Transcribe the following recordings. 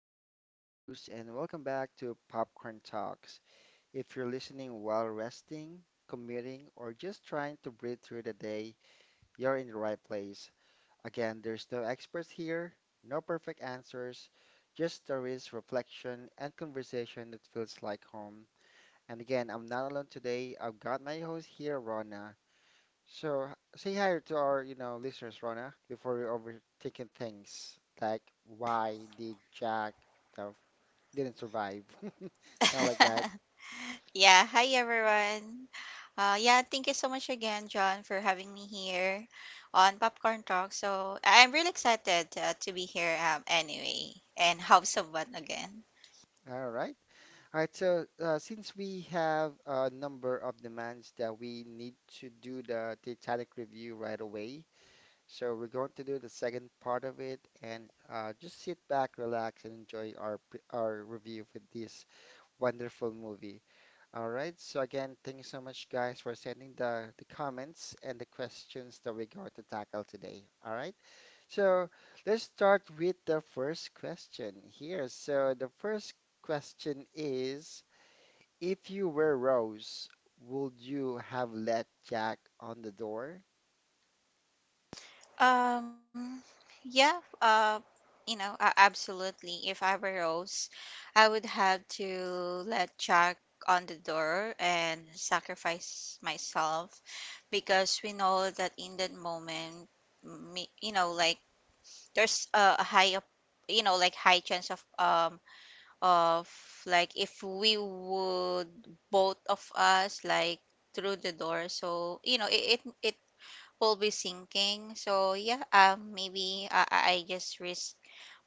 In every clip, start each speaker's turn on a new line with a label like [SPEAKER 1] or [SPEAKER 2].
[SPEAKER 1] again, your host, and welcome back to Popcorn Talks. If you're listening while resting, commuting, or just trying to breathe through the day, you're in the right place. Again, there's no experts here, no perfect answers, just stories, reflection, and conversation that feels like home. And again, I'm not alone today. I've got my host here, Rona. So h- Say hi to our, listeners, Rona, before we're overthinking things like why did Jack, you know, didn't survive, something like that.
[SPEAKER 2] Yeah, hi everyone. Yeah, thank you so much again, John, for having me here on Popcorn Talk. So I'm really excited to be here anyway and have some again.
[SPEAKER 1] All right. All right. So since we have a number of demands that we need to do the Titanic review right away, so we're going to do the second part of it and just sit back, relax, and enjoy our review for this wonderful movie. All right. So again, thank you so much, guys, for sending the comments and the questions that we're going to tackle today. All right. So let's start with the first question here. So the first question is, if you were Rose, would you have let Jack on the door?
[SPEAKER 2] Um, yeah, uh, absolutely. If I were Rose, I would have to let Jack on the door and sacrifice myself because we know that in that moment, me, there's a high of high chance of of like if we would both of us like through the door, so you know it will be sinking, so yeah maybe I just risk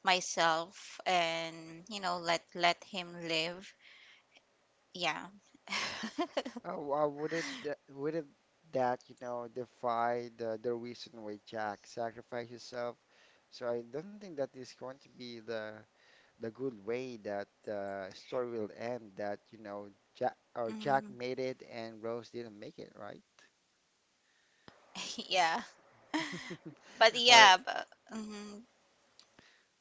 [SPEAKER 2] myself and you know let him live, yeah.
[SPEAKER 1] Oh, would it that you know defy the reason why Jack sacrificed himself? So I don't think that is going to be the good way that the story will end, that you know Jack, or Jack
[SPEAKER 2] Mm.
[SPEAKER 1] made it and Rose didn't make it, right?
[SPEAKER 2] Yeah, but
[SPEAKER 1] All right.
[SPEAKER 2] yeah, but mm.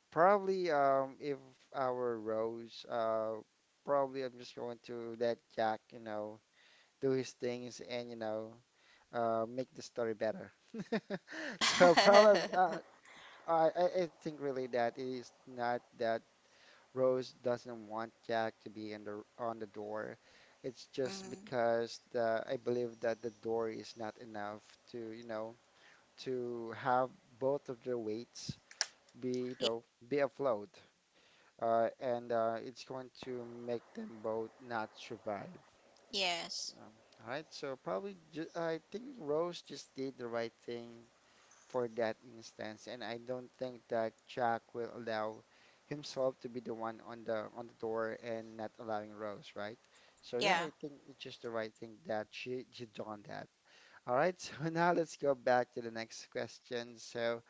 [SPEAKER 1] Probably if I were Rose, probably I'm just going to let Jack, you know, do his things and you know make the story better. So probably I think really that it is not that Rose doesn't want Jack to be in the on the door. It's just
[SPEAKER 2] Mm.
[SPEAKER 1] because the I believe that the door is not enough to, you know, to have both of their weights be, you
[SPEAKER 2] y-
[SPEAKER 1] know, be afloat. And it's going to make them both not survive. So,
[SPEAKER 2] yes,
[SPEAKER 1] all right, so probably ju I think Rose just did the right thing for that instance, and I don't think that Jack will allow himself to be the one on the door and not allowing Rose, right? So yeah,
[SPEAKER 2] yeah.
[SPEAKER 1] I think it's just the right thing that she done that. All right, so now let's go back to the next question. So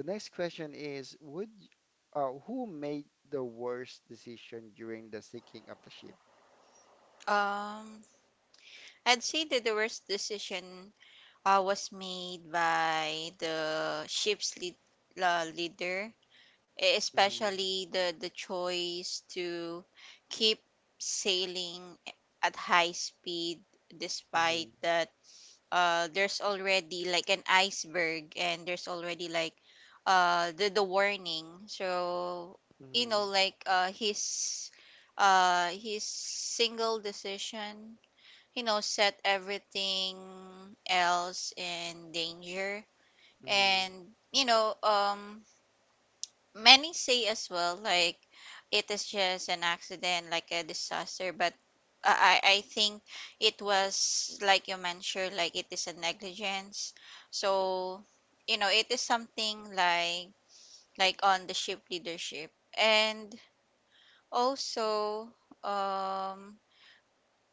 [SPEAKER 1] the next question is, would who made the worst decision during the sinking of the ship?
[SPEAKER 2] um I'd say that the worst decision was made by the ship's leader,
[SPEAKER 1] Mm-hmm.
[SPEAKER 2] especially the choice to keep sailing at high speed despite
[SPEAKER 1] Mm-hmm.
[SPEAKER 2] that there's already like an iceberg and there's already like the warning. So, you know,
[SPEAKER 1] Mm-hmm.
[SPEAKER 2] like his single decision, you know, set everything else in danger.
[SPEAKER 1] Mm-hmm.
[SPEAKER 2] And, you know, many say as well, like it is just an accident, like a disaster, but I think it was, like you mentioned, like it is a negligence. So, you know, it is something like on the ship leadership. And also, um,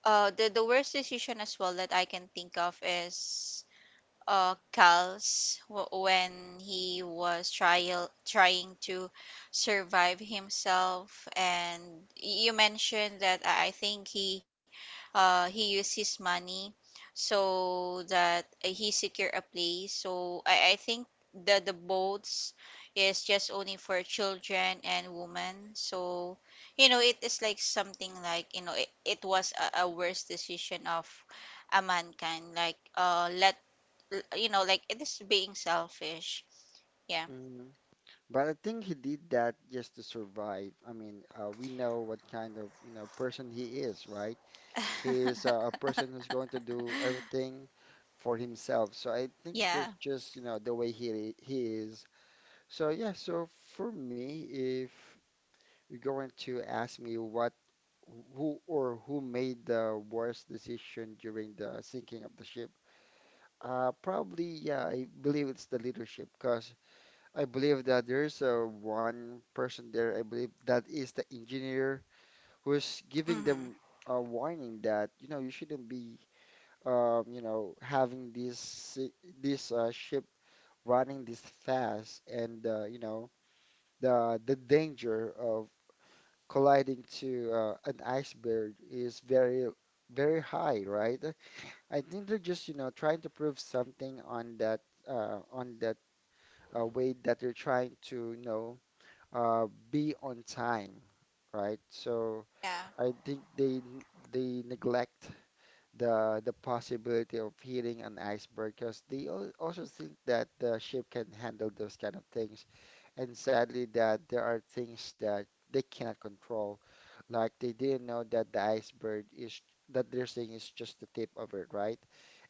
[SPEAKER 2] the worst decision as well that I can think of is Cal's, when he was trial trying to survive himself, and you mentioned that I think he, he used his money so that he secure a place. So I think the boats is just only for children and women. So you know it is like something like, you know, it was a worse decision of a mankind, like let you know, like it is being selfish. Yeah.
[SPEAKER 1] But I think he did that just to survive. I mean, we know what kind of, you know, person he is, right? He is a person who's going to do everything for himself. So I think
[SPEAKER 2] Yeah.
[SPEAKER 1] that's just, you know, the way he is. So yeah, so for me, if you're going to ask me what who or who made the worst decision during the sinking of the ship, probably yeah, I believe it's the leadership because I believe that there's one person there, I believe that is the engineer who's giving
[SPEAKER 2] Mm-hmm.
[SPEAKER 1] them a warning that, you know, you shouldn't be, you know, having this ship running this fast and you know, the danger of colliding to an iceberg is very very high, right? I think they're just, you know, trying to prove something on that uh, on that way that they're trying to, you know, be on time, right? So
[SPEAKER 2] Yeah.
[SPEAKER 1] I think they neglect the possibility of hitting an iceberg because they also think that the ship can handle those kind of things. And sadly, that there are things that they cannot control. Like they didn't know that the iceberg is that they're seeing is just the tip of it, right?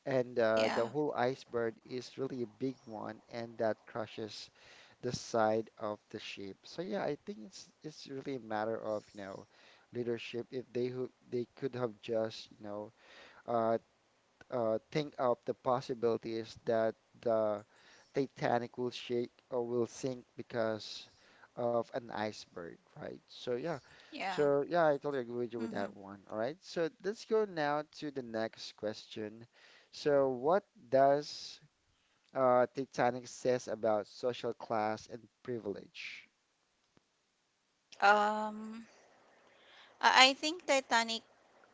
[SPEAKER 1] And
[SPEAKER 2] Yeah.
[SPEAKER 1] the whole iceberg is really a big one, and that crushes the side of the ship. So yeah, I think it's really a matter of you know leadership. If they who they could have just you know uh, think of the possibilities that the Titanic will shake or will sink because of an iceberg, right? So yeah,
[SPEAKER 2] Yeah.
[SPEAKER 1] so yeah, I totally agree with you with
[SPEAKER 2] Mm-hmm.
[SPEAKER 1] that one. All right, so let's go now to the next question. So what does Titanic says about social class and privilege?
[SPEAKER 2] Um, I think Titanic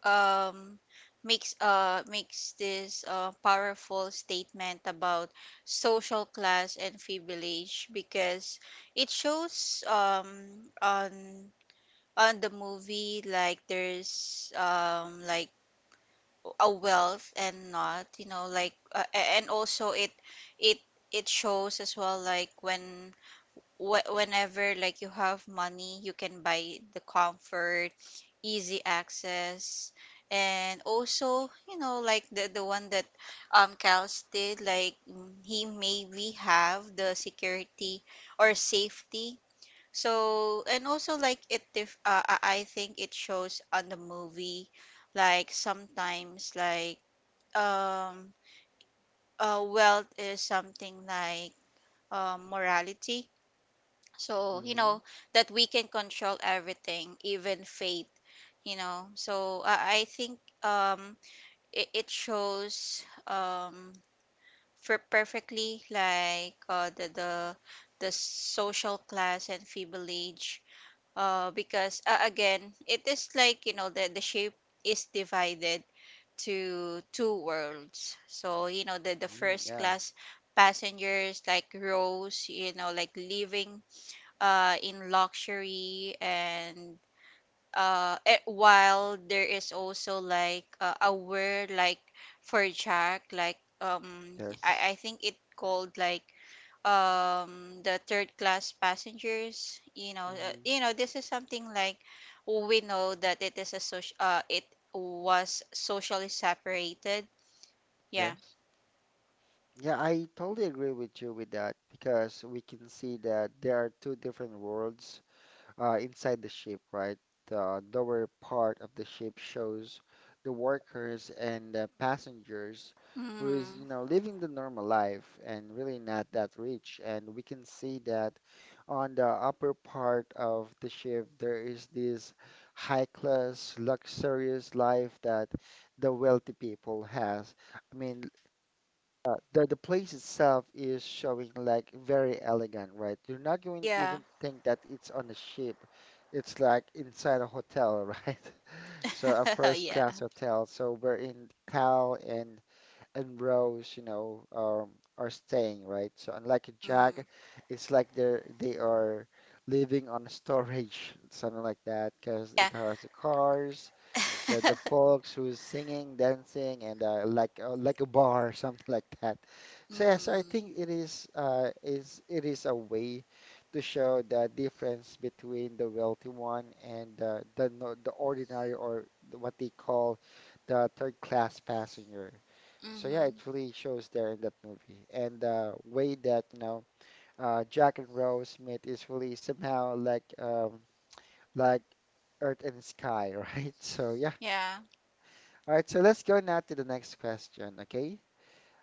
[SPEAKER 2] um makes this powerful statement about social class and privilege because it shows on the movie like there's like a wealth and not, you know, like and also it it shows as well like when whenever like you have money, you can buy the comfort, easy access, and also you know like the one that Cal's did, like mm, he maybe have the security or safety. So and also like it dif- I think it shows on the movie like sometimes like um, wealth is something like morality. So, you
[SPEAKER 1] Mm-hmm.
[SPEAKER 2] know, that we can control everything, even fate, you know. So, I think it shows for perfectly like the social class and feeble age. Because, again, it is like, you know, the shape is divided to two worlds. So, you know, the first
[SPEAKER 1] Yeah.
[SPEAKER 2] class passengers like Rose, you know, like living in luxury, and while there is also like a word like for Jack, like um,
[SPEAKER 1] Yes.
[SPEAKER 2] I, I think it called like the third class passengers, you know,
[SPEAKER 1] Mm-hmm.
[SPEAKER 2] you know, this is something like we know that it is a social it was socially separated, yeah.
[SPEAKER 1] Yes. Yeah, I totally agree with you with that because we can see that there are two different worlds inside the ship, right? The lower part of the ship shows the workers and the passengers who is, you
[SPEAKER 2] Mm.
[SPEAKER 1] know, living the normal life and really not that rich. And we can see that on the upper part of the ship, there is this high-class, luxurious life that the wealthy people has. I mean, the place itself is showing like very elegant, right? You're not going to
[SPEAKER 2] Yeah.
[SPEAKER 1] even think that it's on a ship. It's like inside a hotel, right? So a first
[SPEAKER 2] Yeah.
[SPEAKER 1] class hotel. So we're in Cal and Rose, you know, are staying, right? So unlike a
[SPEAKER 2] Mm.
[SPEAKER 1] Jack, it's like they are living on storage, something like that, because
[SPEAKER 2] Yeah.
[SPEAKER 1] it has the cars the folks who's singing, dancing, and like a bar, something like that. So yeah, so I
[SPEAKER 2] Mm.
[SPEAKER 1] think it is it is a way to show the difference between the wealthy one and the no- the ordinary or what they call the third class passenger. So yeah, it
[SPEAKER 2] Mm-hmm.
[SPEAKER 1] really shows there in that movie, and the way that you know Jack and Rose meet is really somehow like Earth and Sky, right? So yeah.
[SPEAKER 2] Yeah.
[SPEAKER 1] All right, so let's go now to the next question, okay?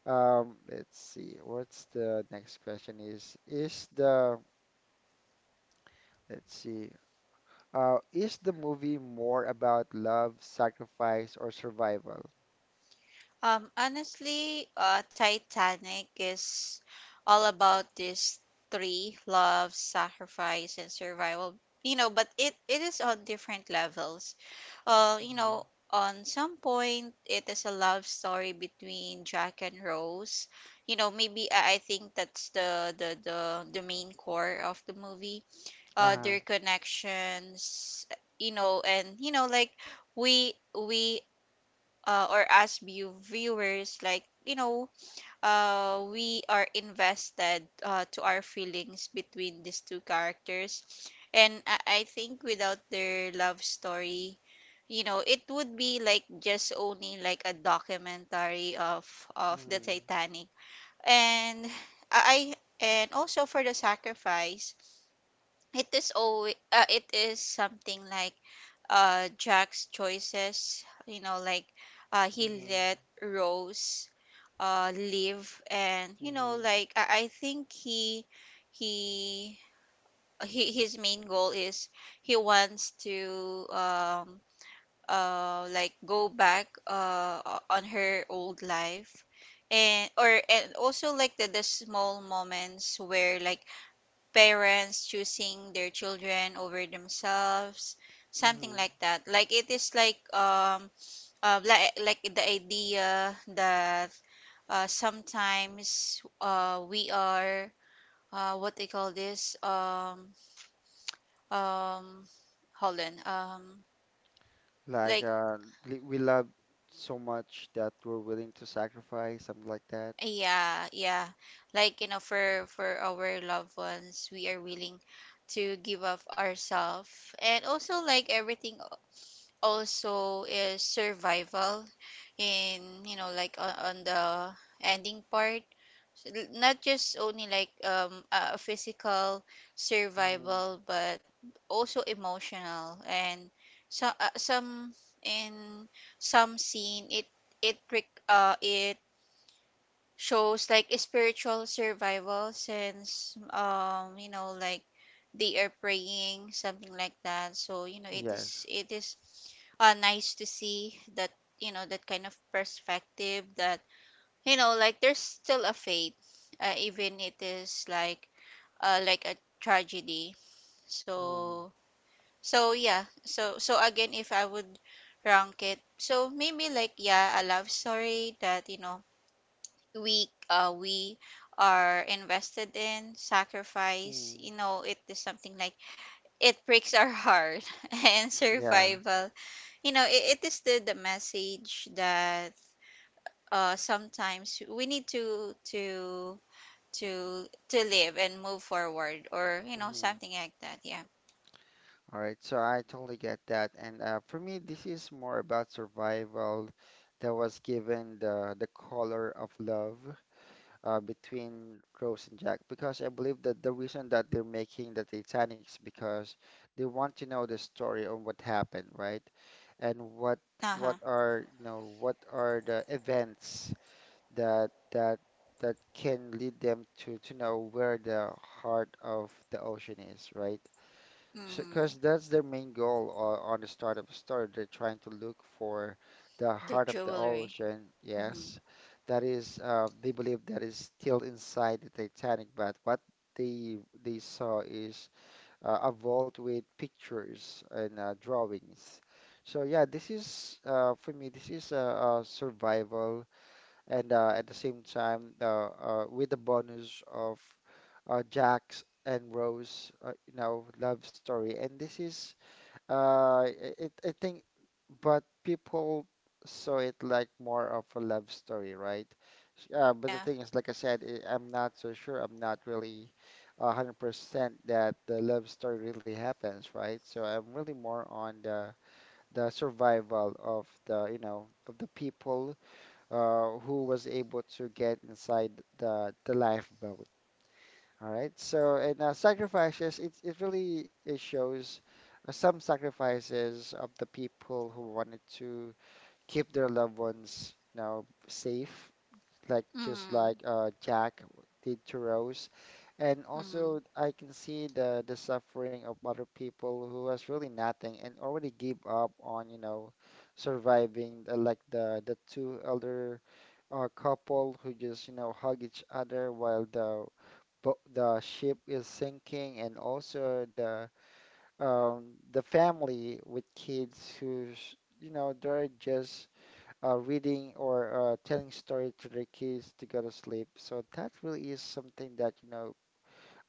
[SPEAKER 1] Let's see. What's the next question is the let's see. Is the movie more about love, sacrifice, or survival?
[SPEAKER 2] Honestly, Titanic is all about this three: love, sacrifice, and survival. You know, but it is on different levels. You
[SPEAKER 1] Mhm.
[SPEAKER 2] know, on some point, it is a love story between Jack and Rose. You know, maybe I think that's the main core of the movie,
[SPEAKER 1] Uh,
[SPEAKER 2] their connections, you know. And you know like we or as viewers, like, you know, we are invested, to our feelings between these two characters, and I think without their love story, you know, it would be like just only like a documentary of the
[SPEAKER 1] mhm,
[SPEAKER 2] Titanic. And I and also for the sacrifice, it is always it is something like Jack's choices, you know, like he
[SPEAKER 1] mhm,
[SPEAKER 2] let Rose live. And you know
[SPEAKER 1] mhm,
[SPEAKER 2] like I think he he his main goal is he wants to like go back on her old life. And or and also like the small moments where like parents choosing their children over themselves, something
[SPEAKER 1] mhm.
[SPEAKER 2] like that, like it is like the idea that sometimes we are what they call this um hold on, um,
[SPEAKER 1] like
[SPEAKER 2] like
[SPEAKER 1] uh, we love so much that we're willing to sacrifice, something like that.
[SPEAKER 2] yeah, yeah, like, you know, for our loved ones we are willing to give up ourselves and also like everything. Also is survival in, you know, like on the ending part. So, l- not just only like a physical
[SPEAKER 1] Mhm.
[SPEAKER 2] survival, but also emotional. And so some in some scene it it shows like a spiritual survival, since you know like they are praying, something like that. So you know
[SPEAKER 1] Yes.
[SPEAKER 2] it is nice to see that, you know, that kind of perspective that, you know, like there's still a faith, even it is like a tragedy.
[SPEAKER 1] Mhm.
[SPEAKER 2] So so yeah, so so again, if I would rank it, so maybe like yeah, a love story that, you know, we are invested in. Sacrifice,
[SPEAKER 1] Mhm.
[SPEAKER 2] you know, it is something like it breaks our heart, and
[SPEAKER 1] Yeah.
[SPEAKER 2] survival, you know, it is the message that sometimes we need to to live and move forward, or you know something like that, yeah.
[SPEAKER 1] All right, so I totally get that. And for me, this is more about survival that was given the color of love between Rose and Jack, because I believe that the reason that they're making the Titanic is because they want to know the story of what happened, right? And
[SPEAKER 2] Uh-huh.
[SPEAKER 1] what are you know what are the events that that that can lead them to know where the heart of the ocean is, right?
[SPEAKER 2] Mm-hmm.
[SPEAKER 1] Because that's their main goal on the start of a story. They're trying to look for the
[SPEAKER 2] The
[SPEAKER 1] heart of the
[SPEAKER 2] jewelry.
[SPEAKER 1] ocean.
[SPEAKER 2] Mm-hmm.
[SPEAKER 1] Yes, that is, they believe that is still inside the Titanic, but what they they saw is a vault with pictures and drawings. So yeah, this is for me, this is a survival and at the same time with the bonus of Jack's and Rose, you know, love story. And this is, uh, I think, but people saw it like more of a love story, right?
[SPEAKER 2] Yeah.
[SPEAKER 1] But the thing is, like I said, I'm not so sure. I'm not really a 100% that the love story really happens, right? So I'm really more on the survival of the, you know, of the people who was able to get inside the lifeboat. All right. So and sacrifices, it really it shows some sacrifices of the people who wanted to keep their loved ones, you know, safe, like just
[SPEAKER 2] Mm-hmm.
[SPEAKER 1] like Jack did to Rose. And
[SPEAKER 2] Mm-hmm.
[SPEAKER 1] also, I can see the suffering of other people who has really nothing and already give up on, you know, surviving the, like the two elder a couple who just, you know, hug each other while the ship is sinking, and also the family with kids who's, you know, they're just reading or telling story to their kids to go to sleep. So that really is something that, you know,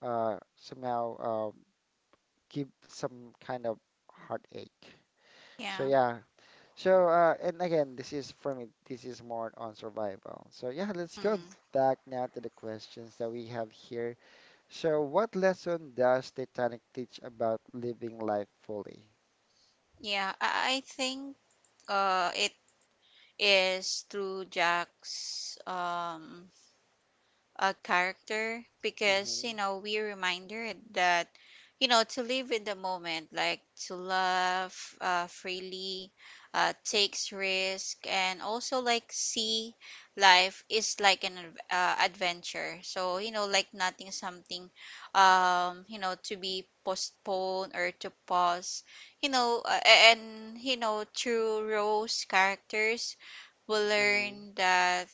[SPEAKER 1] somehow give some kind of heartache. So
[SPEAKER 2] Yeah.
[SPEAKER 1] yeah, so, and again, this is for me, this is more on survival. So, yeah, let's go
[SPEAKER 2] Mm-hmm.
[SPEAKER 1] back now to the questions that we have here. So, what lesson does Titanic teach about living life fully?
[SPEAKER 2] I think it is through Jack's a character, because
[SPEAKER 1] Mm-hmm.
[SPEAKER 2] you know we're reminded that, you know, to live in the moment, like to love freely, takes risk, and also like see life is like an adventure. So you know like nothing something you know to be postponed or to pause, you know. And you know through Rose characters, will
[SPEAKER 1] Hmm.
[SPEAKER 2] learn that,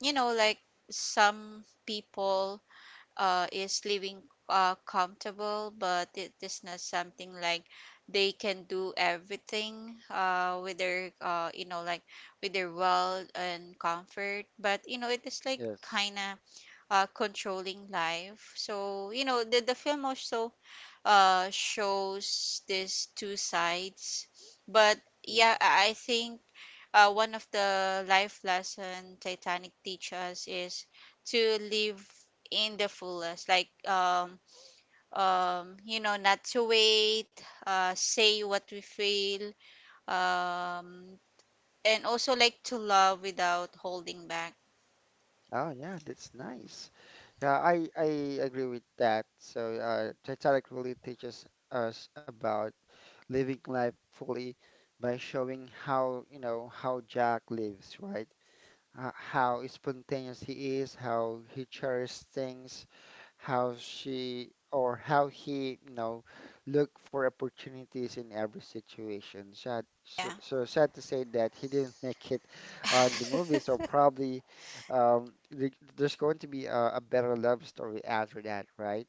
[SPEAKER 2] you know, like some people is living comfortable, but it is not something like they can do everything with their you know like with their wealth and comfort. But you know it is like
[SPEAKER 1] Yes.
[SPEAKER 2] kind of controlling life. So you know the film also shows these two sides. But yeah
[SPEAKER 1] Hmm.
[SPEAKER 2] i I think one of the life lesson Titanic teach us is to live in the fullest, like you know, not to wait, say what we feel, um, and also like to love without holding back.
[SPEAKER 1] Oh, yeah, that's nice. Yeah, I agree with that. So, Titanic really teaches us about living life fully by showing how, you know, how Jack lives, right? How spontaneous he is, how he cherishes things, how she or how he, you know, look for opportunities in every situation. Sad, so,
[SPEAKER 2] Yeah.
[SPEAKER 1] so sad to say that he didn't make it on the movie. So probably um, there's going to be a better love story after that, right?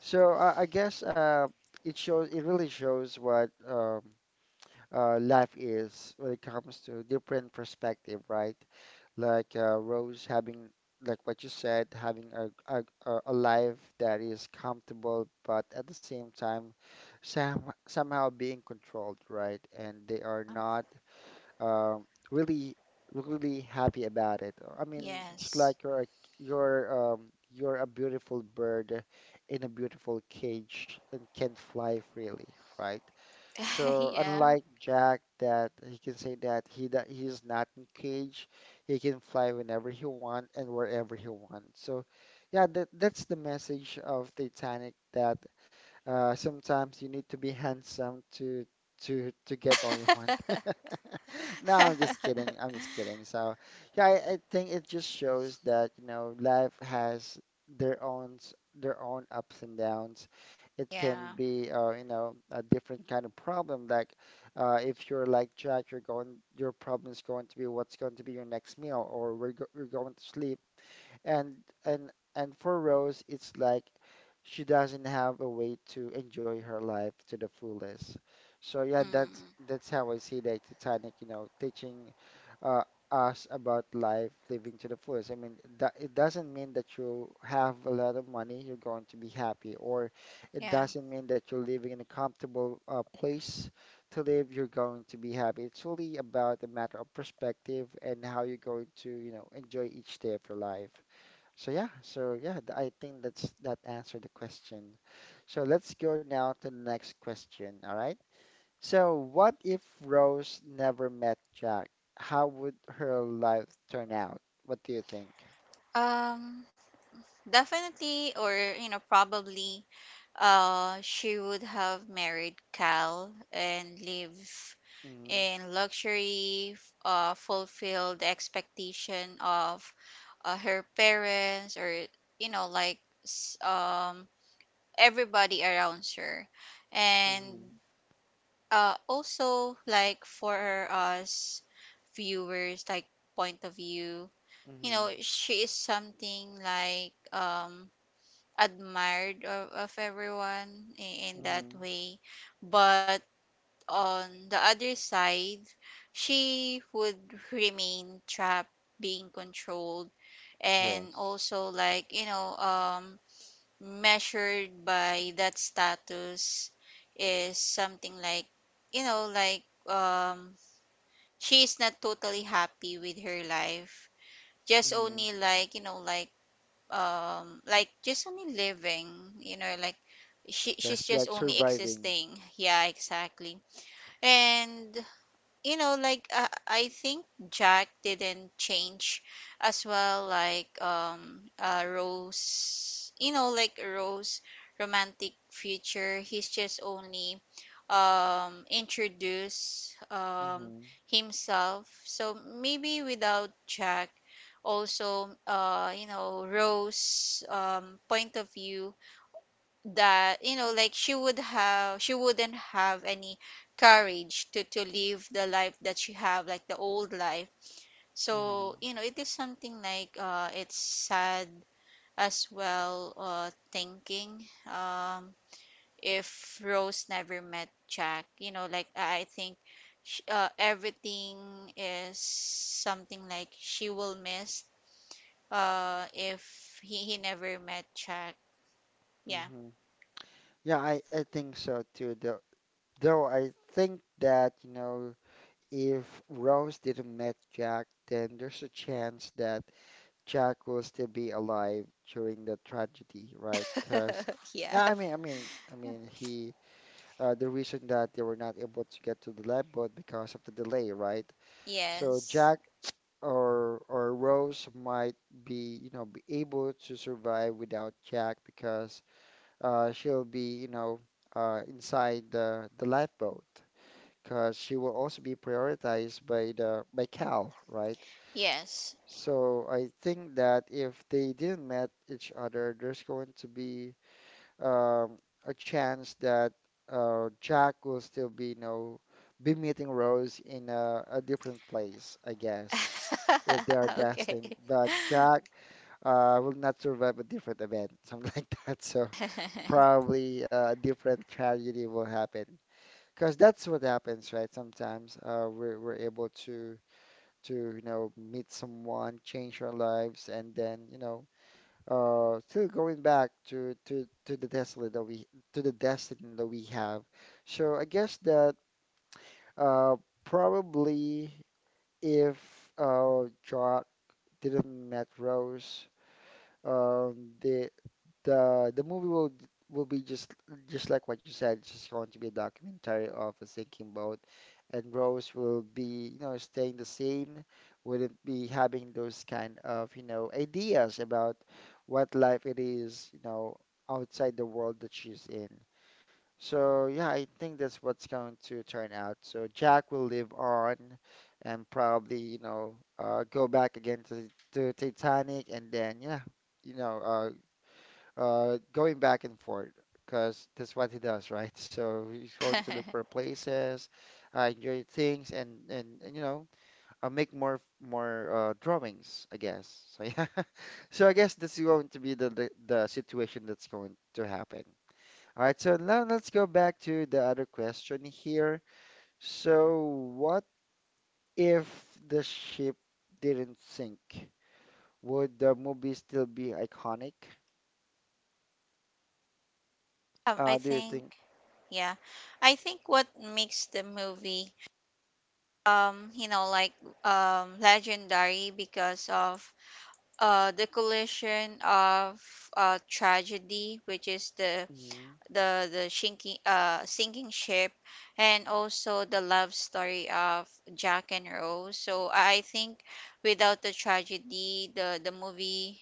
[SPEAKER 1] So I guess it shows. It really shows what life is when it comes to different perspective, right? Rose having, like what you said, having a life that is comfortable, but at the same time, somehow being controlled, right? And they are not really really happy about it. I mean, it's
[SPEAKER 2] Yes.
[SPEAKER 1] like you're um, you're a beautiful bird in a beautiful cage and can't fly freely, right? So
[SPEAKER 2] Yeah.
[SPEAKER 1] unlike Jack, that he can say that he's not in cage, he can fly whenever he want and wherever he wants. So yeah, that's the message of Titanic that sometimes you need to be handsome to get all you want. No, I'm just kidding. I'm just kidding. So, yeah, I think it just shows that, you know, life has their own ups and downs. It can
[SPEAKER 2] Yeah.
[SPEAKER 1] be, you know, a different kind of problem. Like, if you're like Jack, your problem is going to be what's going to be your next meal, or you're going to sleep and and and for Rose, it's like she doesn't have a way to enjoy her life to the fullest. So yeah,
[SPEAKER 2] Mm,
[SPEAKER 1] that's how I see the Titanic, you know, teaching uh, us about life, living to the fullest. I mean, that it doesn't mean that you have a lot of money, you're going to be happy, or it
[SPEAKER 2] yeah.
[SPEAKER 1] doesn't mean that you're living in a comfortable place to live, you're going to be happy. It's really about a matter of perspective and how you're going to, you know, enjoy each day of your life. So yeah, I think that's that answered the question. So let's go now to the next question, all right? So what if Rose never met Jack? How would her life turn out? What do you think?
[SPEAKER 2] Um, definitely, or you know, probably she would have married Cal and live
[SPEAKER 1] Mm-hmm,
[SPEAKER 2] in luxury, fulfill the expectation of her parents, or you know, like s- um, everybody around her. And
[SPEAKER 1] mm-hmm,
[SPEAKER 2] also, like, for us viewers, like, point of view, you
[SPEAKER 1] mm-hmm,
[SPEAKER 2] know, she is something like, admired of everyone in that
[SPEAKER 1] mm-hmm.
[SPEAKER 2] way. But on the other side, she would remain trapped, being controlled, and
[SPEAKER 1] Yes.
[SPEAKER 2] also like, you know, measured by that status, is something like, you know, like she is not totally happy with her life. Just
[SPEAKER 1] Mm-hmm.
[SPEAKER 2] only like, you know, like just only living, you know, like she's
[SPEAKER 1] Yes,
[SPEAKER 2] just
[SPEAKER 1] like
[SPEAKER 2] only
[SPEAKER 1] surviving.
[SPEAKER 2] existing, yeah exactly. And you know like I think Jack didn't change as well, like Rose, you know, like Rose romantic future, he's just only introduce
[SPEAKER 1] Mm-hmm,
[SPEAKER 2] himself. So maybe without Jack also, you know, Rose, point of view, that, you know, like she wouldn't have any courage to live the life that she have, like the old life.
[SPEAKER 1] mm-hmm,
[SPEAKER 2] So you know it is something like it's sad as well, thinking um if Rose never met Jack, you know, like I think sh everything is something like she will miss if he never met Jack, yeah.
[SPEAKER 1] mm-hmm. Yeah, I think so too, though I think that, you know, if Rose didn't meet Jack, then there's a chance that Jack will still be alive during the tragedy, right? Because
[SPEAKER 2] Yeah.
[SPEAKER 1] I mean, I mean, I mean, he the reason that they were not able to get to the lab boat because of the delay, right? So
[SPEAKER 2] Yes.
[SPEAKER 1] Jack or Rose might be, you know, be able to survive without Jack because she'll be, you know, inside the lifeboat because she will also be prioritized by the by Cal, right?
[SPEAKER 2] Yes.
[SPEAKER 1] So I think that if they didn't met each other, there's going to be um, a chance that Jack will still be, you know, be meeting Rose in a different place, I guess, if they are
[SPEAKER 2] Okay.
[SPEAKER 1] destined. But Jack will not survive a different event, something like that. So probably a different tragedy will happen. Because that's what happens, right? Sometimes we're able to you know meet someone, change our lives, and then you know still going back to the destiny that we to the destiny that we have. So I guess that uh, probably if Jock didn't met Rose, um, the the the movie will be just like what you said. It's just going to be a documentary of a sinking boat, and Rose will be you know staying the same, wouldn't be having those kind of you know ideas about what life it is you know outside the world that she's in. So yeah, I think that's what's going to turn out. So Jack will live on and probably you know go back again to Titanic and then yeah you know going back and forth because that's what he does, right? So he's going to look for places, enjoy things, and you know, make more drawings, I guess. So yeah, so I guess that's going to be the situation that's going to happen. All right, so now let's go back to the other question here. So what if the ship didn't sink? Would the movie still be iconic?
[SPEAKER 2] I
[SPEAKER 1] Do you
[SPEAKER 2] think,
[SPEAKER 1] think?
[SPEAKER 2] yeah, I think what makes the movie, you know, like, legendary, because of the collision of tragedy, which is
[SPEAKER 1] Mhm,
[SPEAKER 2] the sinking sinking ship, and also the love story of Jack and Rose. So I think without the tragedy, the movie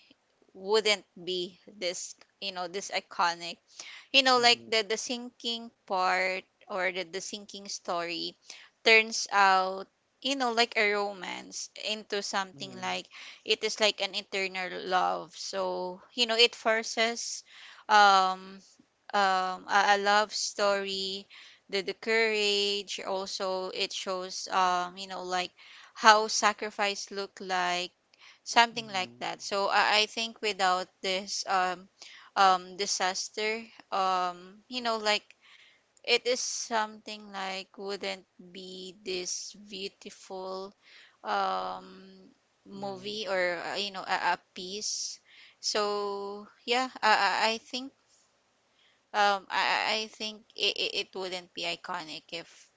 [SPEAKER 2] wouldn't be this, you know, this iconic. You know like
[SPEAKER 1] mhm.
[SPEAKER 2] the sinking part, or the sinking story turns out, you know, like a romance into something
[SPEAKER 1] Mm-hmm.
[SPEAKER 2] like it is like an internal love. So it forces um a love story. The courage also it shows, like how sacrifice look like, something like
[SPEAKER 1] Mm-hmm.
[SPEAKER 2] that. So I think without this disaster, like it is something like wouldn't be this beautiful um
[SPEAKER 1] Mm-hmm.
[SPEAKER 2] movie, or a piece. So yeah, I think, I think it wouldn't be iconic if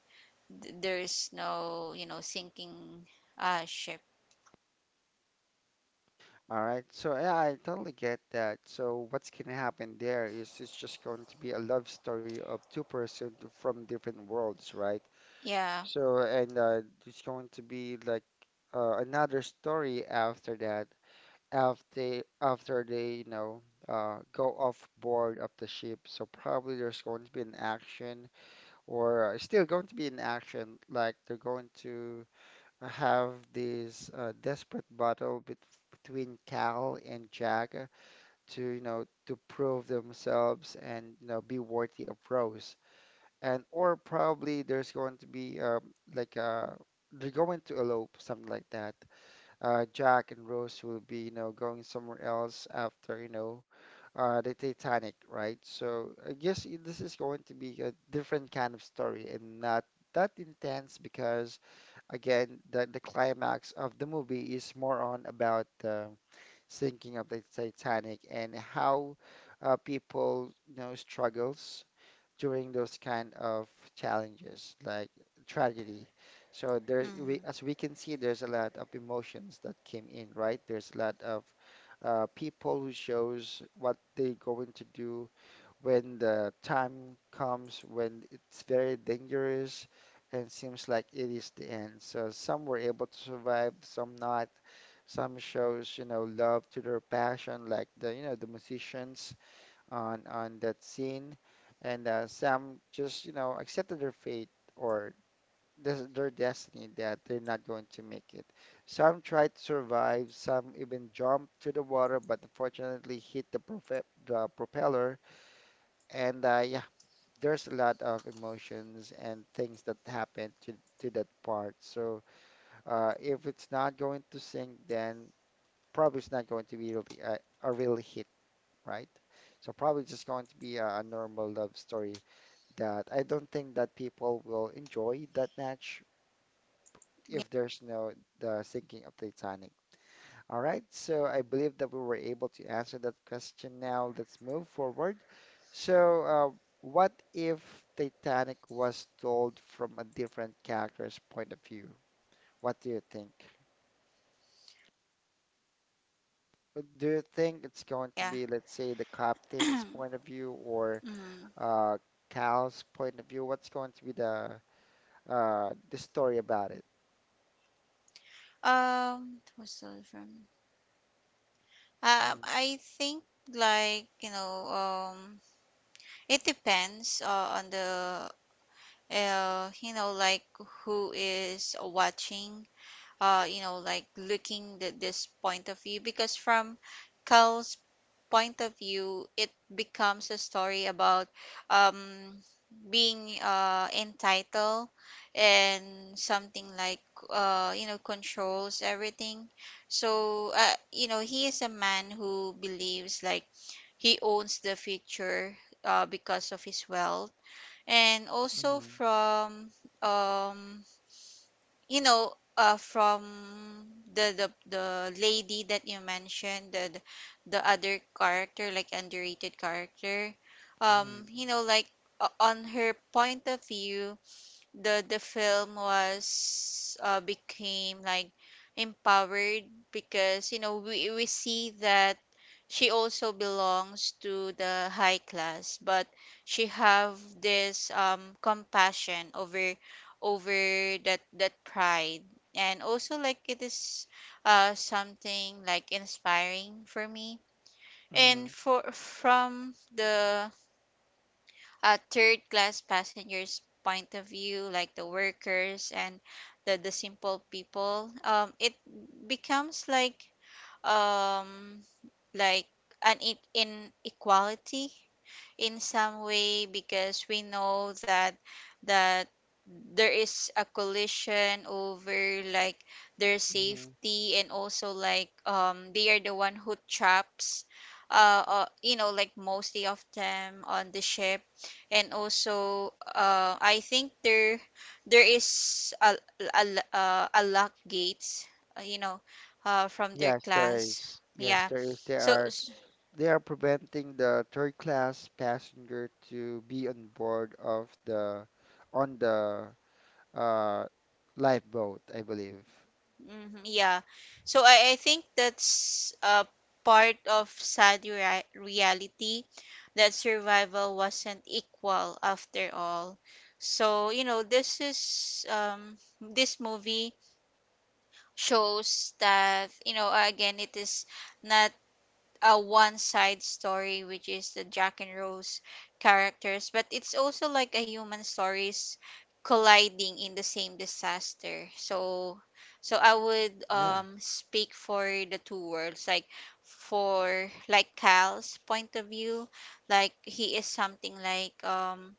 [SPEAKER 2] there's no, sinking ship.
[SPEAKER 1] All right. So yeah, I totally get that. So what's gonna happen there is it's just going to be a love story of two persons from different worlds, right?
[SPEAKER 2] Yeah.
[SPEAKER 1] So and it's going to be like another story after that, after they you know go off board of the ship. So probably there's going to be an action, or still going to be an action, like they're going to I have this desperate battle bet between Cal and Jack to, you know, to prove themselves and, you know, be worthy of Rose. And or probably there's going to be like uh they're going to elope, something like that. Jack and Rose will be, you know, going somewhere else after, you know, the Titanic, right? So I guess this is going to be a different kind of story and not that intense because again, the climax of the movie is more on about the sinking of the Titanic and how people, you know, struggles during those kind of challenges, like tragedy. So there's
[SPEAKER 2] Mm-hmm.
[SPEAKER 1] as we can see, there's a lot of emotions that came in, right? There's a lot of people who shows what they're going to do when the time comes when it's very dangerous and seems like it is the end. So some were able to survive, some not. Some shows, you know, love to their passion, like the, you know, the musicians on that scene, and some just, you know, accepted their fate or des their destiny that they're not going to make it. Some tried to survive, some even jumped to the water, but unfortunately hit the propeller and yeah, there's a lot of emotions and things that happen to that part. So if it's not going to sing, then probably it's not going to be really a real hit, right? So probably just going to be a normal love story that I don't think that people will enjoy that much if there's no the sinking of the Titanic. All right, so I believe that we were able to answer that question now. Let's move forward. So, what if Titanic was told from a different character's point of view? What do you think? Do you think it's going to
[SPEAKER 2] Yeah.
[SPEAKER 1] be, let's say, the captain's point of view or
[SPEAKER 2] Mm-hmm.
[SPEAKER 1] uh, Cal's point of view? What's going to be the story about it?
[SPEAKER 2] It was still from.
[SPEAKER 1] Mm,
[SPEAKER 2] I think, like you know, it depends, on the, you know, like who is watching, you know, like looking at this point of view, because from Cal's point of view, it becomes a story about, um, being, entitled and something like, controls everything. So, he is a man who believes like he owns the future, because of his wealth and also
[SPEAKER 1] hmm
[SPEAKER 2] from, um you know from the lady that you mentioned, the other character, like underrated character,
[SPEAKER 1] hmm
[SPEAKER 2] like, on her point of view the film was, became like empowered, because you know we see that she also belongs to the high class, but she have this compassion over that pride, and also like it is, something like inspiring for me. And
[SPEAKER 1] hmm
[SPEAKER 2] for from the, third class passengers point of view, like the workers and the simple people, it becomes like, um like an inequality in some way, because we know that there is a collision over like their
[SPEAKER 1] hmm.
[SPEAKER 2] safety, and also like, they are the one who traps, like, mostly of them on the ship. And also, I think there is a lock gates, you know, from their
[SPEAKER 1] Yes, there
[SPEAKER 2] class.
[SPEAKER 1] is. Yes,
[SPEAKER 2] Yeah,
[SPEAKER 1] there is. There
[SPEAKER 2] so.
[SPEAKER 1] are they are preventing the third class passenger to be on board of the uh, lifeboat, I believe.
[SPEAKER 2] Mhm, yeah. So I think that's a part of sad reality that survival wasn't equal after all. So, you know, this movie shows that, you know, again it is not, one side story, which is the Jack and Rose characters, but it's also like a human stories colliding in the same disaster. So, I would
[SPEAKER 1] Yeah,
[SPEAKER 2] speak for the two worlds, like for, like Cal's point of view, like he is something like,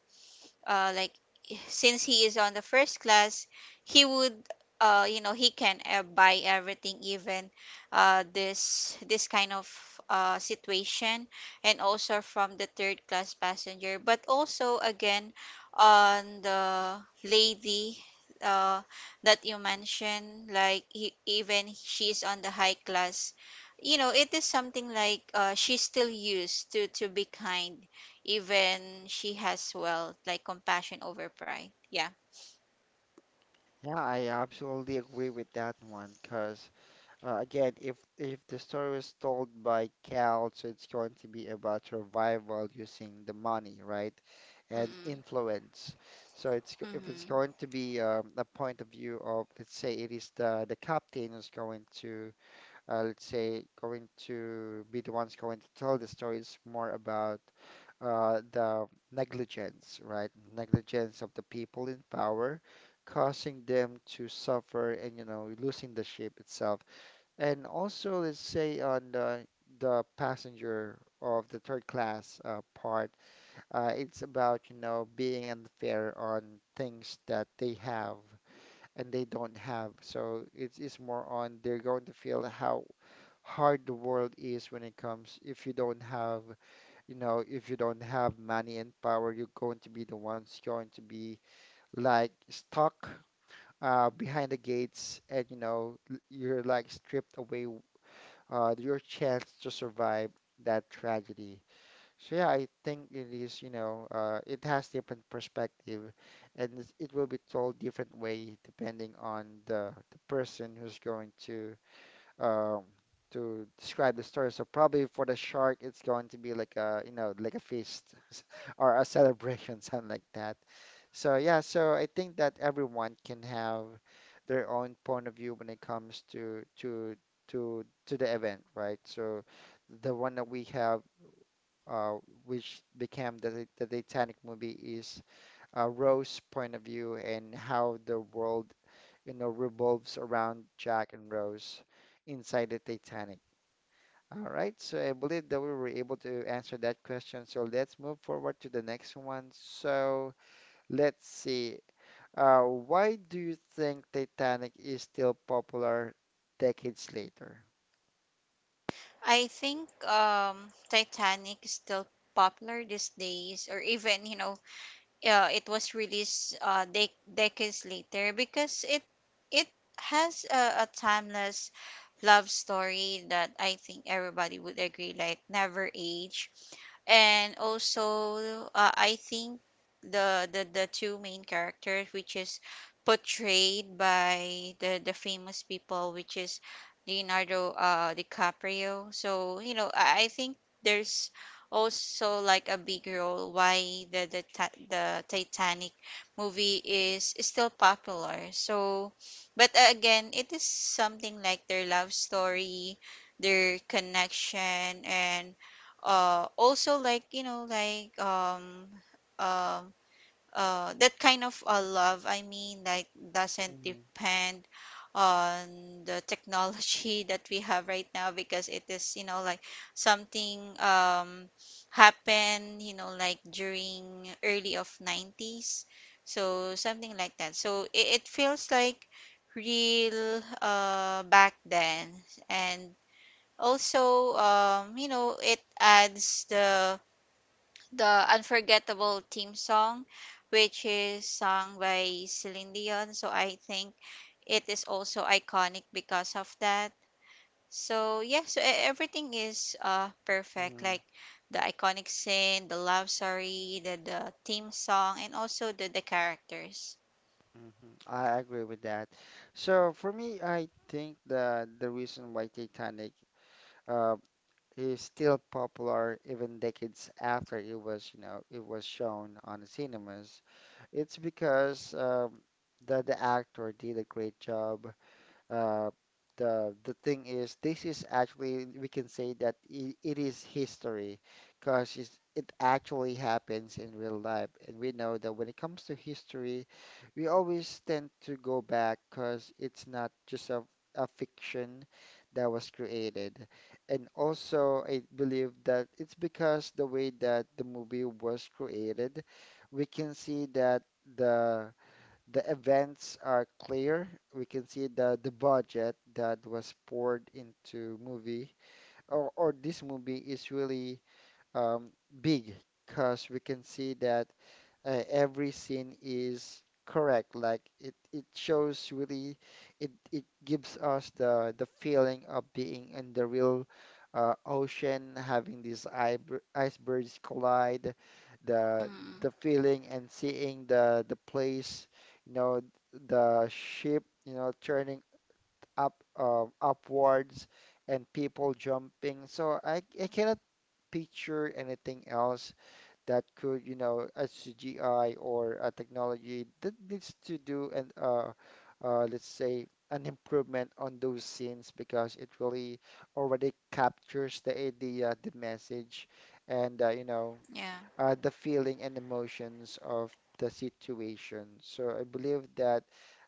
[SPEAKER 2] uh, like since he is on the first class, he would, you know he can, buy everything, even this kind of, situation, and also from the third class passenger, but also again on the lady, uh, that you mentioned, like even she's on the high class, you know it is something like, she's still used to be kind, even she has well like compassion over pride. Yeah.
[SPEAKER 1] yeah, I absolutely agree with that one because again, if the story was told by Cal, so it's going to be about survival using the money, right? And
[SPEAKER 2] mm
[SPEAKER 1] influence. So if it's going
[SPEAKER 2] mm
[SPEAKER 1] to be a point of view of, let's say, it is the captain who's going to let's say, going to be the ones going to tell the story is more about the negligence, right? Negligence of the people in power, causing them to suffer and, you know, losing the ship itself. And also, let's say on the passenger of the third class part, it's about, you know, being unfair on things that they have and they don't have. So it's more on they're going to feel how hard the world is when it comes if you don't have you know if you don't have money and power you're going to be the ones going to be like stuck behind the gates and you know you're like stripped away your chance to survive that tragedy. So yeah, I think it is you know it has different perspective and it will be told different way depending on the person who's going um, to describe the story. So probably for the shark, it's going to be like a, you know, like a feast or a celebration, something like that. So yeah, so I think that everyone can have their own point of view when it comes to the event, right? So the one that we have, uh, which became the Titanic movie, is Rose's point of view and how the world you know, revolves around Jack and Rose inside the Titanic. All right, so I believe that we were able to answer that question. So let's move forward to the next one. So let's see. Why do you think Titanic is still popular decades later?
[SPEAKER 2] I think, Titanic is still popular these days, or even, you know, it was released, decades later, because it has a timeless love story that I think everybody would agree like never age. And also, I think the two main characters, which is portrayed by the famous people, which is Leonardo, DiCaprio, so you know, I think there's also like a big role why the Titanic movie is still popular. So, but, again, it is something like their love story, their connection, and, also like you know like, um that kind of, love, I mean, like doesn't
[SPEAKER 1] Mm-hmm.
[SPEAKER 2] depend on the technology that we have right now, because it is you know like something happened, you know, like during early of 90s, so something like that. So it feels like real, back then. And also, it adds the unforgettable theme song, which is sung by Celine Dion. So I think it is also iconic because of that. So yeah, everything is, perfect,
[SPEAKER 1] hmm
[SPEAKER 2] like the iconic scene, the love story, the theme song, and also the characters.
[SPEAKER 1] I agree with that. So for me, I think the reason why Titanic uh, is still popular even decades after it was, you know, it was shown on cinemas. It's because the actor did a great job uh, the thing is, this is actually we can say that it is history, because it actually happens in real life, and we know that when it comes to history, we always tend to go back because it's not just a fiction that was created. And also, I believe that it's because the way that the movie was created, we can see that the events are clear. We can see the budget that was poured into movie or this movie is really um, big because we can see that every scene is correct. Like it shows really, it gives us the feeling of being in the real ocean, having these icebergs collide, the
[SPEAKER 2] Mm,
[SPEAKER 1] feeling and seeing the place, you know, the ship, you know, turning up upwards and people jumping. So I cannot picture anything else that could, you know, a CGI or a technology that needs to do and let's say an improvement on those scenes because it really already captures the idea, the message, and you know,
[SPEAKER 2] yeah.
[SPEAKER 1] the feeling and emotions of the situation. So I believe that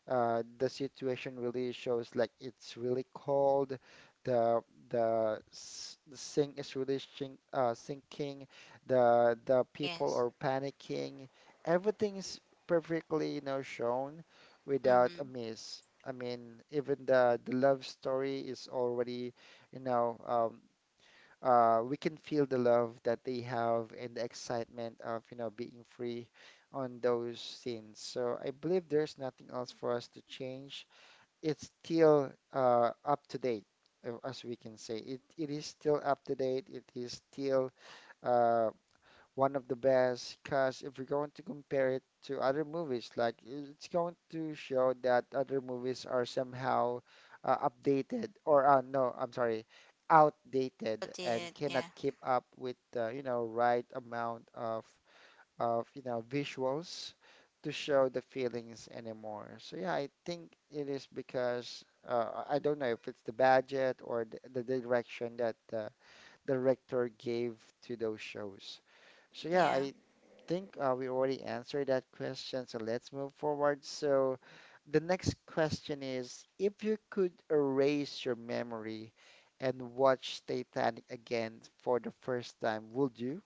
[SPEAKER 1] the situation really shows like it's really cold, the the sink is really sinking, the people
[SPEAKER 2] Yes.
[SPEAKER 1] are panicking. Everything's perfectly, you know, shown without a
[SPEAKER 2] Mm-hmm.
[SPEAKER 1] miss. I mean, even the love story is already, you know, we can feel the love that they have and the excitement of, you know, being free on those scenes. So I believe there's nothing else for us to change. It's still up to date, as we can say. It is still up to date. It is still uh, one of the best because if we are going to compare it to other movies, like it's going to show that other movies are somehow updated or no, I'm sorry, outdated
[SPEAKER 2] What did
[SPEAKER 1] and
[SPEAKER 2] it?
[SPEAKER 1] cannot
[SPEAKER 2] Yeah.
[SPEAKER 1] keep up with the, you know, right amount of you know visuals to show the feelings anymore. So yeah, I think it is because I don't know if it's the budget or the direction that the director gave to those shows. So yeah,
[SPEAKER 2] Yeah.
[SPEAKER 1] I think we already answered that question, so let's move forward. So the next question is, if you could erase your memory and watch Titanic again for the first time, would you?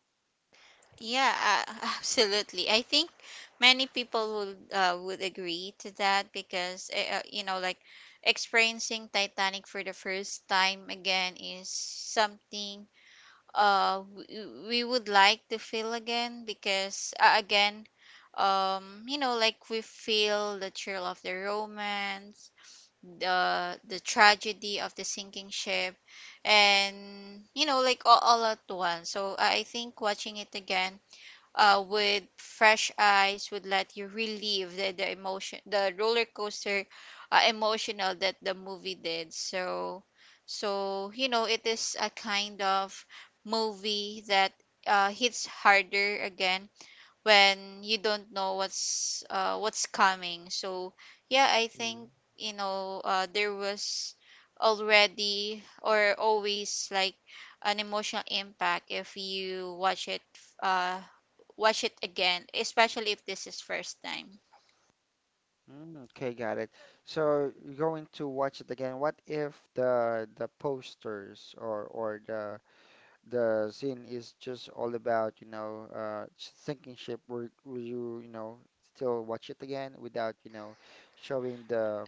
[SPEAKER 2] Yeah, uh, absolutely. I think many people would agree to that, because, you know, like experiencing Titanic for the first time again is something we would like to feel again, because, again, you know, like we feel the thrill of the romance, the tragedy of the sinking ship, and you know, like all at once. So I think watching it again, with fresh eyes would let you relieve the emotion, the roller coaster, emotional that the movie did. So so, you know, it is a kind of movie that, hits harder again, when you don't know what's coming. So yeah, I
[SPEAKER 1] Mm.
[SPEAKER 2] think, there was already, or always, like an emotional impact if you uh, watch it again, especially if this is first time.
[SPEAKER 1] Mm, okay, got it. So you're going to watch it again. What if the posters or the scene is just all about, you know, sinking ship. Will you, you know, still watch it again without, you know, showing the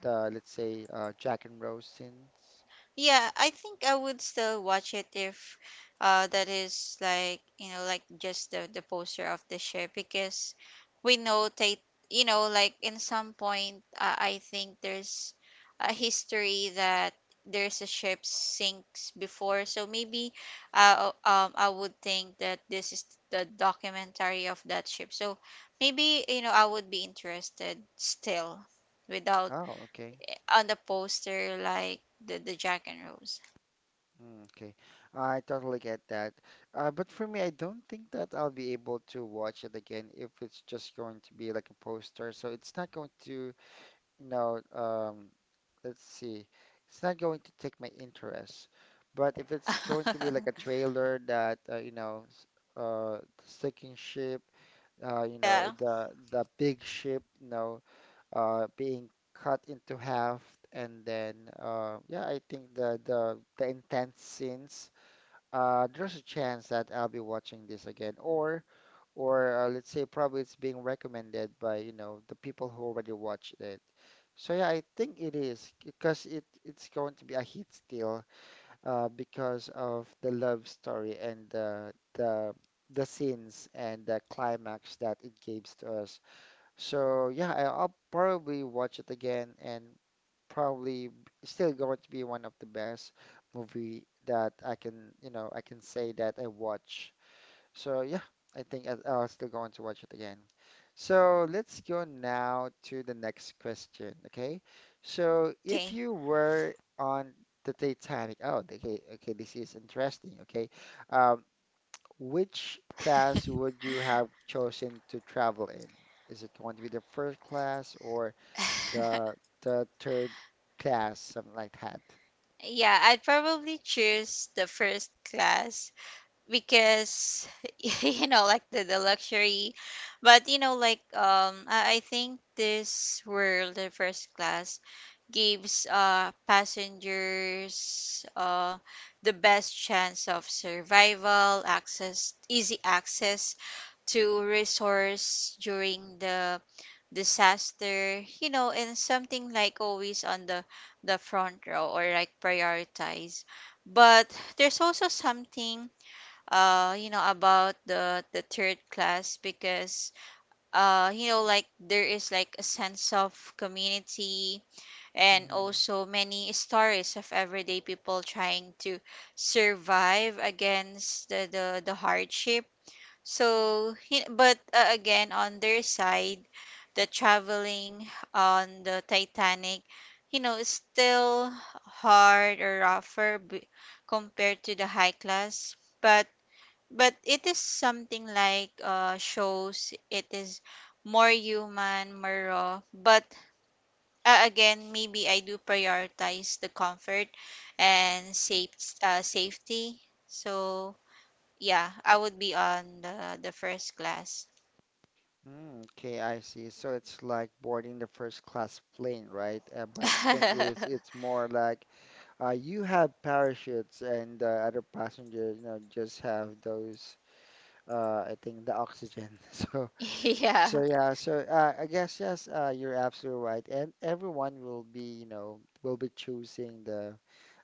[SPEAKER 1] let's say Jack and Rose scenes?
[SPEAKER 2] Yeah, I think I would still watch it if, that is like you know like just the poster of the ship, because we know Tate, you know, like in some point, I think there's a history that there's a ship sinks before. So maybe, I would think that this is the documentary of that ship. So maybe, you know, I would be interested still, without,
[SPEAKER 1] Oh, okay.
[SPEAKER 2] on the poster, like the Jack and Rose.
[SPEAKER 1] Mm, okay. I totally get that. But for me, I don't think that I'll be able to watch it again if it's just going to be like a poster. So it's not going to No, let's see. It's not going to take my interest, but if it's going to be like a trailer that you know, the sinking ship, you know,
[SPEAKER 2] Yeah.
[SPEAKER 1] the big ship, you know, being cut into half, and then yeah, I think the the intense scenes. There's a chance that I'll be watching this again, or let's say probably it's being recommended by you know the people who already watched it. So yeah, I think it is because it's going to be a hit still because of the love story and the the scenes and the climax that it gives to us. So yeah, I'll probably watch it again and probably still going to be one of the best movie that I can you know I can say that I watch so yeah, I think I'll still go on to watch it again. So let's go now to the next question, okay? So if
[SPEAKER 2] Okay.
[SPEAKER 1] you were on the Titanic, oh, okay, okay, this is interesting, okay? Um, which class would you have chosen to travel in? Is it going to be the first class or the third class, something like that?
[SPEAKER 2] Yeah, I'd probably choose the first class, because you know, like the luxury. But you know, like, I think this world, the first class, gives, passengers, the best chance of survival, access, easy access to resource during the disaster, you know, and something like always on the front row, or like prioritize. But there's also something, about the third class, because, like there is like a sense of community, and also many stories of everyday people trying to survive against the hardship. So, but, again, on their side, the traveling on the Titanic, you know, is still hard or rougher, b compared to the high class. But but it is something like, shows it is more human, more raw. But, again, maybe I do prioritize the comfort, and safety. So yeah, I would be on the first class.
[SPEAKER 1] Mm, okay, I see. So it's like boarding the first class plane, right? But the thing is, it's more like you have parachutes and other passenger, you know, just have those, I think, the oxygen. So, so
[SPEAKER 2] Yeah,
[SPEAKER 1] yeah, so I guess, yes, you're absolutely right. And everyone will be, you know, will be choosing the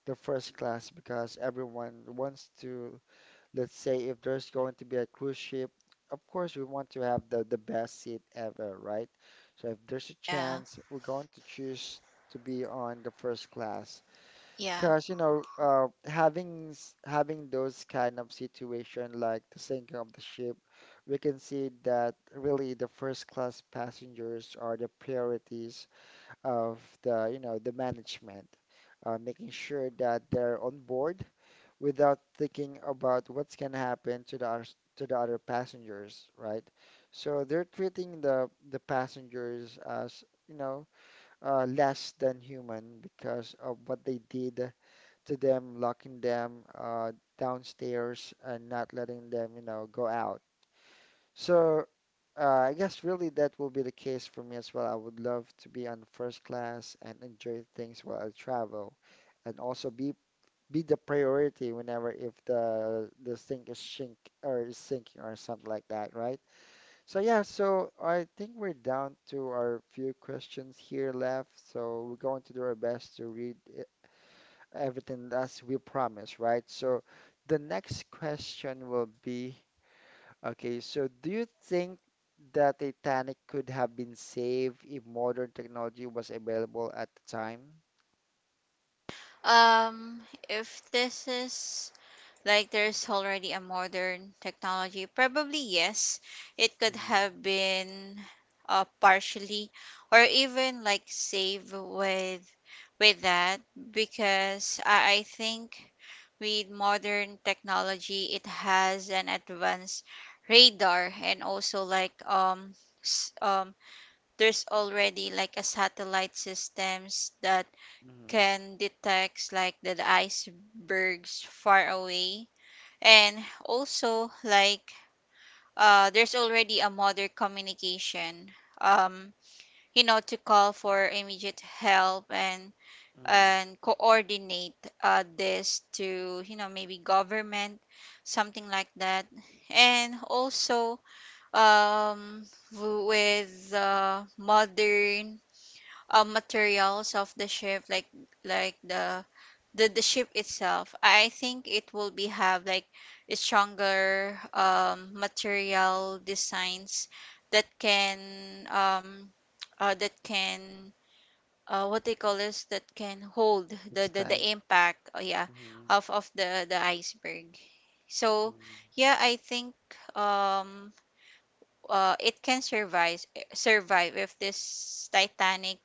[SPEAKER 1] first class because everyone wants to let's say if there's going to be a cruise ship, of course we want to have the best seat ever, right? So if there's a
[SPEAKER 2] yeah,
[SPEAKER 1] chance, we're going to choose to be on the first class.
[SPEAKER 2] yeah.
[SPEAKER 1] Because, you know, having having those kind of situation like the sinking of the ship, we can see that really the first class passengers are the priorities of the, you know, the management, making sure that they're on board without thinking about what's going to happen to the other passengers, right? So they're treating the passengers as, you know, less than human because of what they did to them, locking them downstairs and not letting them, you know, go out. So I guess really that will be the case for me as well. I would love to be on first class and enjoy things while I travel and also be the priority whenever if the sink is sink or is sinking or something like that, right? So yeah, so I think we're down to our few questions here left. So we're going to do our best to read everything as we promised, right? So the next question will be, okay, so do you think the Titanic could have been saved if modern technology was available at the time?
[SPEAKER 2] Um, if this is like there's already a modern technology, probably yes, it could
[SPEAKER 1] Mm-hmm.
[SPEAKER 2] have been, partially, or even like save, with that, because I think with modern technology it has an advanced radar, and also like, there's already like a satellite systems that
[SPEAKER 1] Mm-hmm.
[SPEAKER 2] can detect like the icebergs far away, and also like, there's already a modern communication, um, you know, to call for immediate help, and
[SPEAKER 1] Mm-hmm.
[SPEAKER 2] and coordinate, this to, you know, maybe government, something like that. And also, um with the modern, materials of the ship, like the the ship itself, I think it will be have like a stronger, material designs that can, um uh that can what they call this, that can hold the
[SPEAKER 1] It's
[SPEAKER 2] the,
[SPEAKER 1] time.
[SPEAKER 2] the impact. Oh yeah,
[SPEAKER 1] Mm-hmm.
[SPEAKER 2] of the iceberg. So
[SPEAKER 1] Mm,
[SPEAKER 2] yeah, I think, um it can survive if this Titanic,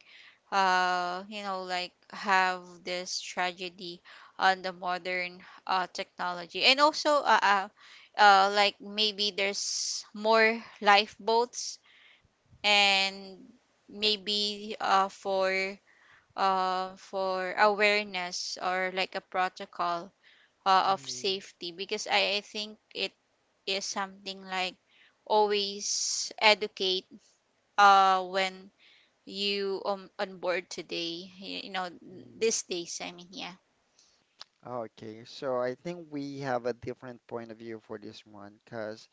[SPEAKER 2] like have this tragedy on the modern, technology, and also, like maybe there's more lifeboats, and maybe, for awareness, or like a protocol, of safety, because I think it is something like always educate, when you, on board today, you know
[SPEAKER 1] mhm.
[SPEAKER 2] these days, I mean. Yeah.
[SPEAKER 1] Okay, so I think we have a different point of view for this one, because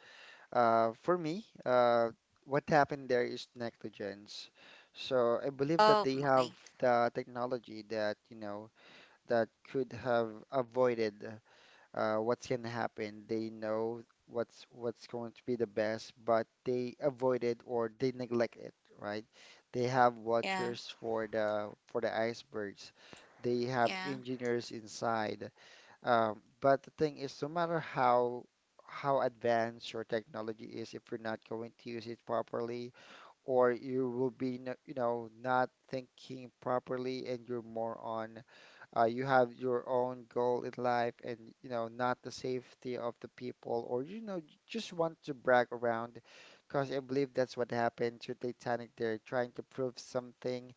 [SPEAKER 1] for me, what happened there is negligence. So I believe that
[SPEAKER 2] Oh,
[SPEAKER 1] they
[SPEAKER 2] okay.
[SPEAKER 1] have the technology that, you know, that could have avoided what's going to happen. They know what's going to be the best, but they avoid it or they neglect it, right? They have
[SPEAKER 2] Yeah,
[SPEAKER 1] watchers for the icebergs. They have
[SPEAKER 2] yeah,
[SPEAKER 1] engineers inside. But the thing is, no matter how advanced your technology is, if you're not going to use it properly, or you will be, you know, not thinking properly, and you're more on you have your own goal in life and you know not the safety of the people or you know just want to brag around because I believe that's what happened to Titanic. They're trying to prove something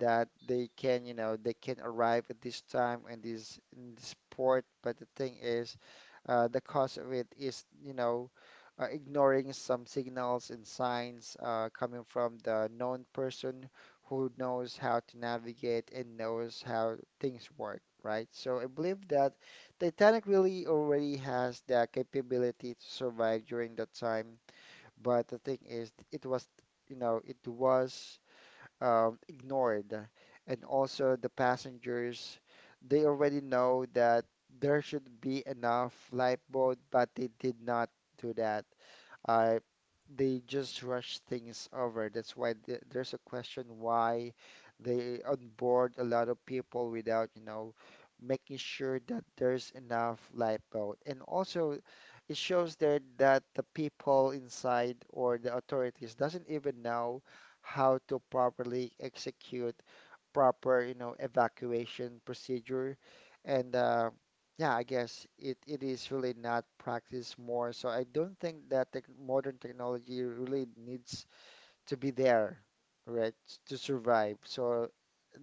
[SPEAKER 1] that they can, you know, they can arrive at this time and this in this port. But the thing is, the cause of it is, you know, ignoring some signals and signs coming from the known person who knows how to navigate and knows how things work, right? So I believe that Titanic really already has the capability to survive during that time. But the thing is, it was, you know, it was ignored. And also the passengers, they already know that there should be enough lifeboat, but they did not do that uh, they just rush things over. That's why th there's a question why they onboard a lot of people without, you know, making sure that there's enough lifeboat. And also, it shows there that the people inside or the authorities doesn't even know how to properly execute proper, you know, evacuation procedure. And yeah, I guess it is really not practiced more. So I don't think that the modern technology really needs to be there, right, to survive. So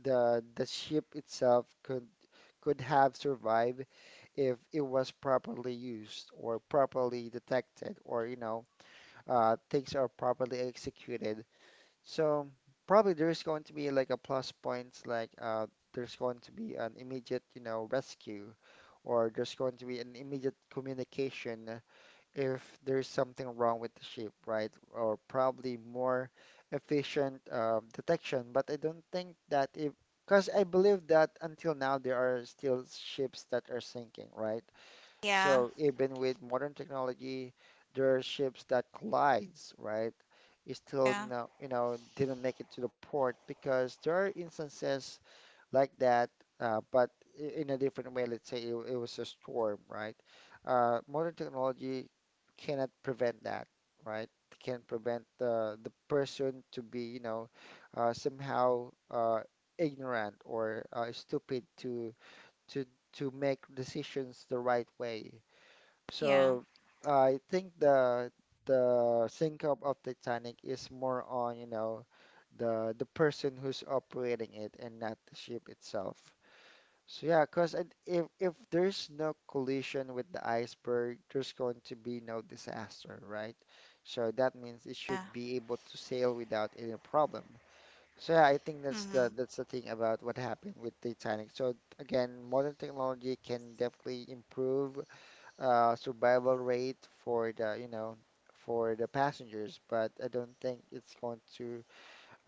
[SPEAKER 1] the ship itself could have survived if it was properly used or properly detected or you know things are properly executed. So probably there's going to be like a plus points, like there's going to be an immediate, you know, rescue, or there's going to be an immediate communication if there's something wrong with the ship, right? Or probably more efficient detection. But I don't think that if, because I believe that until now there are still ships that are sinking, right?
[SPEAKER 2] yeah,
[SPEAKER 1] So even with modern technology, there are ships that collides, right? It still
[SPEAKER 2] yeah,
[SPEAKER 1] no, didn't make it to the port because there are instances like that, but in a different way. Let's say it was a storm, right? Modern technology cannot prevent that, right? Can prevent the person to be, somehow ignorant or stupid to to make decisions the right way
[SPEAKER 2] yeah,
[SPEAKER 1] so I think the sink up of Titanic is more on, the person who's operating it and not the ship itself. So yeah, cause if there's no collision with the iceberg, there's going to be no disaster, right? So that
[SPEAKER 2] yeah.
[SPEAKER 1] means it should be able to sail without any problem. So yeah, I
[SPEAKER 2] Mm-hmm.
[SPEAKER 1] think that's the thing about what happened with Titanic. So again, modern technology can definitely improve survival rate for the for the passengers, but I don't think it's going to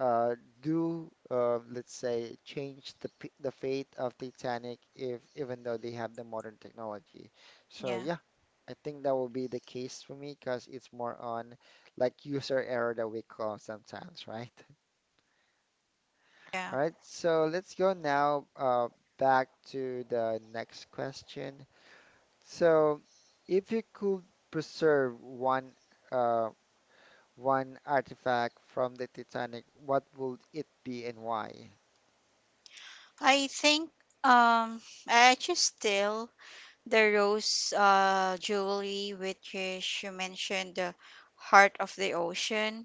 [SPEAKER 1] uh, let's say, change the fate of Titanic if even though they have the modern technology. So
[SPEAKER 2] Yeah,
[SPEAKER 1] yeah, I think that will be the case for me because it's more on like user error that we call sometimes, right?
[SPEAKER 2] yeah.
[SPEAKER 1] All right, so let's go now back to the next question. So, if you could preserve one uh, one artifact from the Titanic, what would it be and why?
[SPEAKER 2] I think, um I just still the Rose, jewelry, which is you mentioned, the Heart of the Ocean.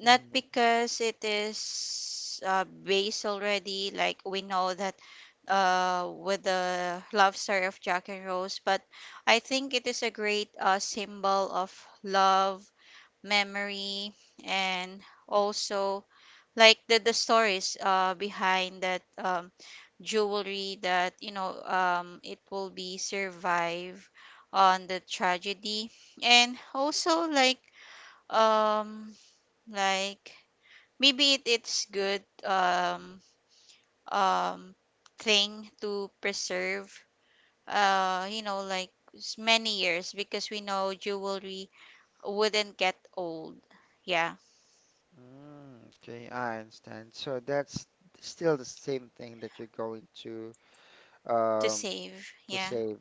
[SPEAKER 2] Not
[SPEAKER 1] Mhm.
[SPEAKER 2] because it is, based already, like we know that, with the love story of Jack and Rose, but I think it is a great, symbol of love, memory, and also like the stories, behind that, jewelry that, you know, it will be survive on the tragedy. And also um, like maybe it's good, um thing to preserve, like, many years, because we know jewelry wouldn't get old. Yeah.
[SPEAKER 1] Mm, okay, I understand. So that's still the same thing that you're going
[SPEAKER 2] To
[SPEAKER 1] um
[SPEAKER 2] save.
[SPEAKER 1] to
[SPEAKER 2] Yeah.
[SPEAKER 1] save.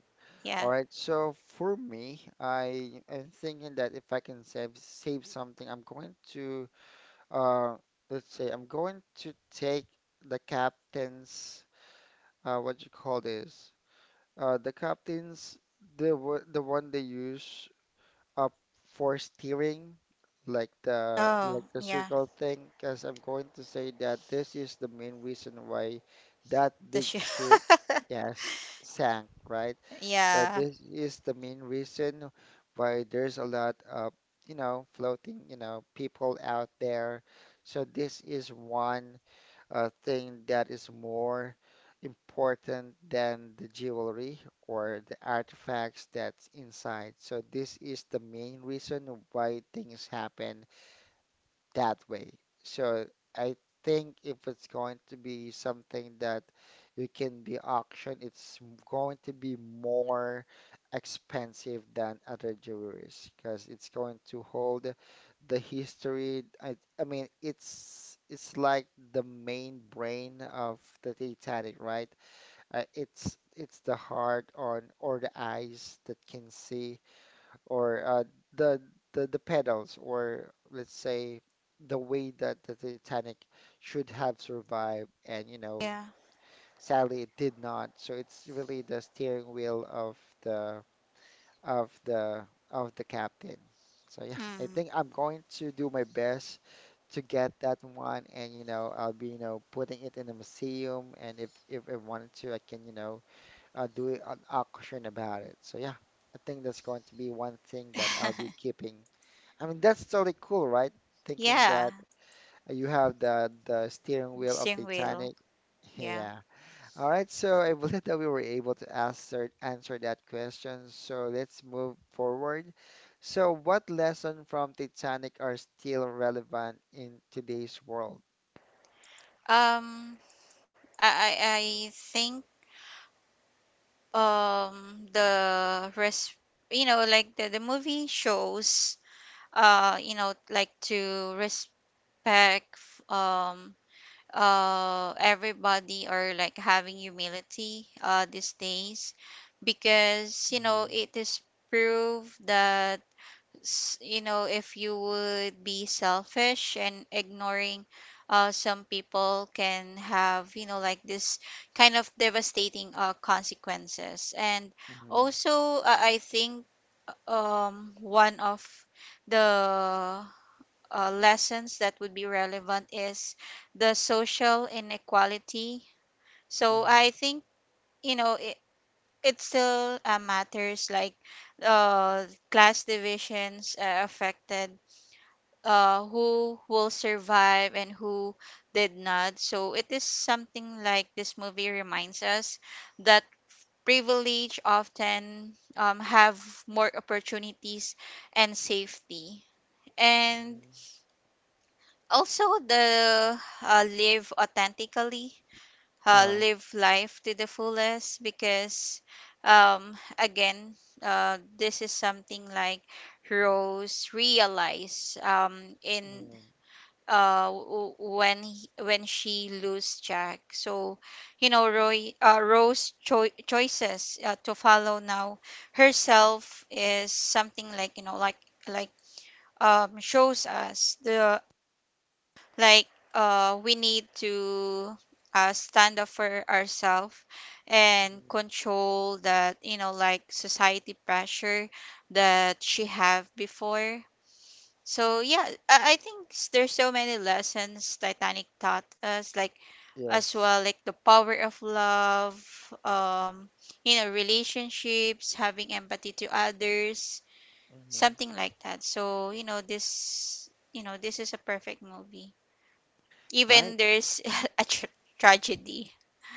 [SPEAKER 1] All
[SPEAKER 2] Yeah.
[SPEAKER 1] right. So for me, I am thinking that if I can save something, I'm going to uh let's say I'm going to take the captain's what you call this? Uh, the captains, the the one they use up for steering,
[SPEAKER 2] Oh
[SPEAKER 1] like the
[SPEAKER 2] yeah,
[SPEAKER 1] circle thing, because I'm going to say that this is the main reason why that
[SPEAKER 2] the
[SPEAKER 1] big
[SPEAKER 2] shoe.
[SPEAKER 1] ship, yes, sank, right? So
[SPEAKER 2] Yeah,
[SPEAKER 1] this is the main reason why there's a lot of, you know, floating, you know, people out there. So this is one thing that is more important than the jewelry or the artifacts that's inside. So this is the main reason why things happen that way. So I think if it's going to be something that you can be auctioned, it's going to be more expensive than other jewelries because it's going to hold the history. I mean, it's like the main brain of the Titanic, right? It's the heart on or the eyes that can see or the the pedals, or let's say the way that the Titanic should have survived, and you know,
[SPEAKER 2] yeah.
[SPEAKER 1] sadly it did not. So it's really the steering wheel of the of the of the captain. So yeah, I
[SPEAKER 2] Mm.
[SPEAKER 1] think I'm going to do my best to get that one, and you know, I'll be you know putting it in a museum, and if I wanted to, I can you know do an auction about it. So yeah. I think that's going to be one thing that I'll be keeping I mean, that's totally cool, right? Thinking
[SPEAKER 2] Yeah.
[SPEAKER 1] that you have the steering
[SPEAKER 2] The
[SPEAKER 1] wheel of
[SPEAKER 2] steering
[SPEAKER 1] the
[SPEAKER 2] wheel.
[SPEAKER 1] Titanic.
[SPEAKER 2] Yeah.
[SPEAKER 1] Yeah. All right. So I believe that we were able to answer that question. So let's move forward. So what lesson from Titanic are still relevant in today's world?
[SPEAKER 2] um I think, the res you know, like the movie shows, like to respect, um everybody, or like having humility, these days, because you know
[SPEAKER 1] Mhm,
[SPEAKER 2] it is proved that, you know, if you would be selfish and ignoring, some people can have, you know, like this kind of devastating, consequences. And
[SPEAKER 1] mhm,
[SPEAKER 2] also, I think, one of the, lessons that would be relevant is the social inequality. So I
[SPEAKER 1] mhm,
[SPEAKER 2] think, you know, it still, matters, like, uh, class divisions, affected, who will survive and who did not. So it is something like this movie reminds us that privilege often, have more opportunities and safety. And
[SPEAKER 1] mhm.
[SPEAKER 2] also the, live authentically,
[SPEAKER 1] Uh,
[SPEAKER 2] live life to the fullest, because, again, this is something like Rose realized, in,
[SPEAKER 1] mhm,
[SPEAKER 2] uh w- when she lose Jack. So, you know, Roy Rose choices, to follow now herself is something like you know like, like shows us the, like, we need to, stand up for ourselves, and
[SPEAKER 1] mhm.
[SPEAKER 2] control that, you know, like society pressure that she have before. So yeah, I think, there's so many lessons Titanic taught us, like as
[SPEAKER 1] Yes.
[SPEAKER 2] well, like the power of love, um, you know, relationships, having empathy to others,
[SPEAKER 1] Hmm.
[SPEAKER 2] something like that. So, you know, this is a perfect movie.
[SPEAKER 1] Right.
[SPEAKER 2] Even there's a tragedy.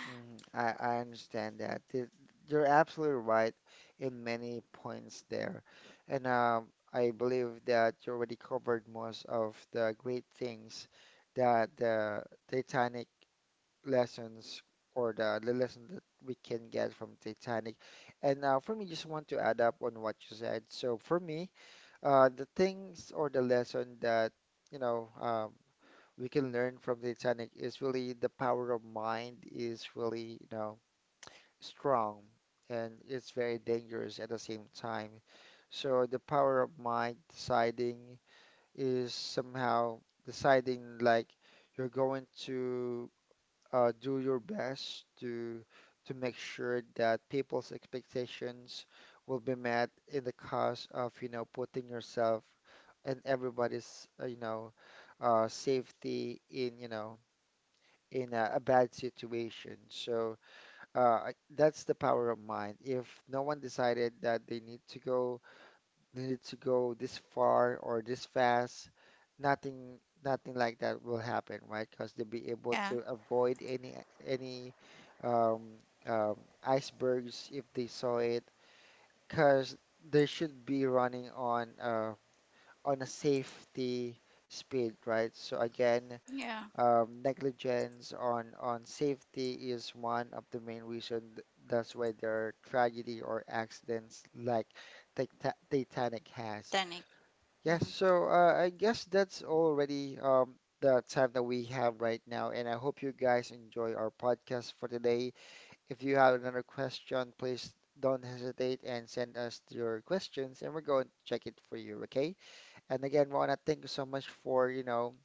[SPEAKER 1] Mm, I understand that. Th- You're absolutely right in many points there. And I believe that you already covered most of the great things that the Titanic lessons or the lesson that we can get from Titanic. And for me, just want to add up on what you said. So for me, the things or the lesson that, you know, um, we can learn from Titanic is really the power of mind is really, you know, strong and it's very dangerous at the same time. So the power of mind deciding is somehow deciding like you're going to do your best to make sure that people's expectations will be met in the cause of you know putting yourself and everybody's safety in you know in a bad situation. So that's the power of mind. If no one decided that they need to go, they need to go this far or this fast, nothing like that will happen, right? Because they'll be able
[SPEAKER 2] Yeah,
[SPEAKER 1] to avoid any um, um, icebergs if they saw it. Because they should be running on a safety speed, right? So again,
[SPEAKER 2] yeah,
[SPEAKER 1] negligence on safety is one of the main reason. That's why there are tragedy or accidents like Titanic has.
[SPEAKER 2] Titanic.
[SPEAKER 1] Yes,
[SPEAKER 2] Mhm.
[SPEAKER 1] so I guess that's already the time that we have right now, and I hope you guys enjoy our podcast for today. If you have another question, please don't hesitate and send us your questions, and we're going to check it for you, okay? And again, Rona, thank you so much for,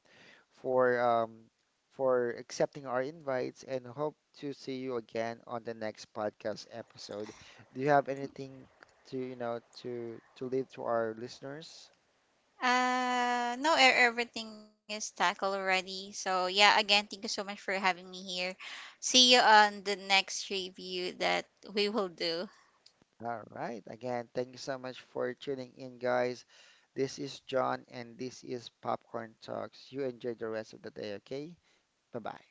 [SPEAKER 1] for um, for accepting our invites and hope to see you again on the next podcast episode. Do you have anything to, to leave to our listeners?
[SPEAKER 2] No, everything is tackled already. So yeah, again, thank you so much for having me here. See you on the next review that we will do.
[SPEAKER 1] All right. Again, thank you so much for tuning in, guys. This is John and this is Popcorn Talks. You enjoy the rest of the day, okay? Bye-bye.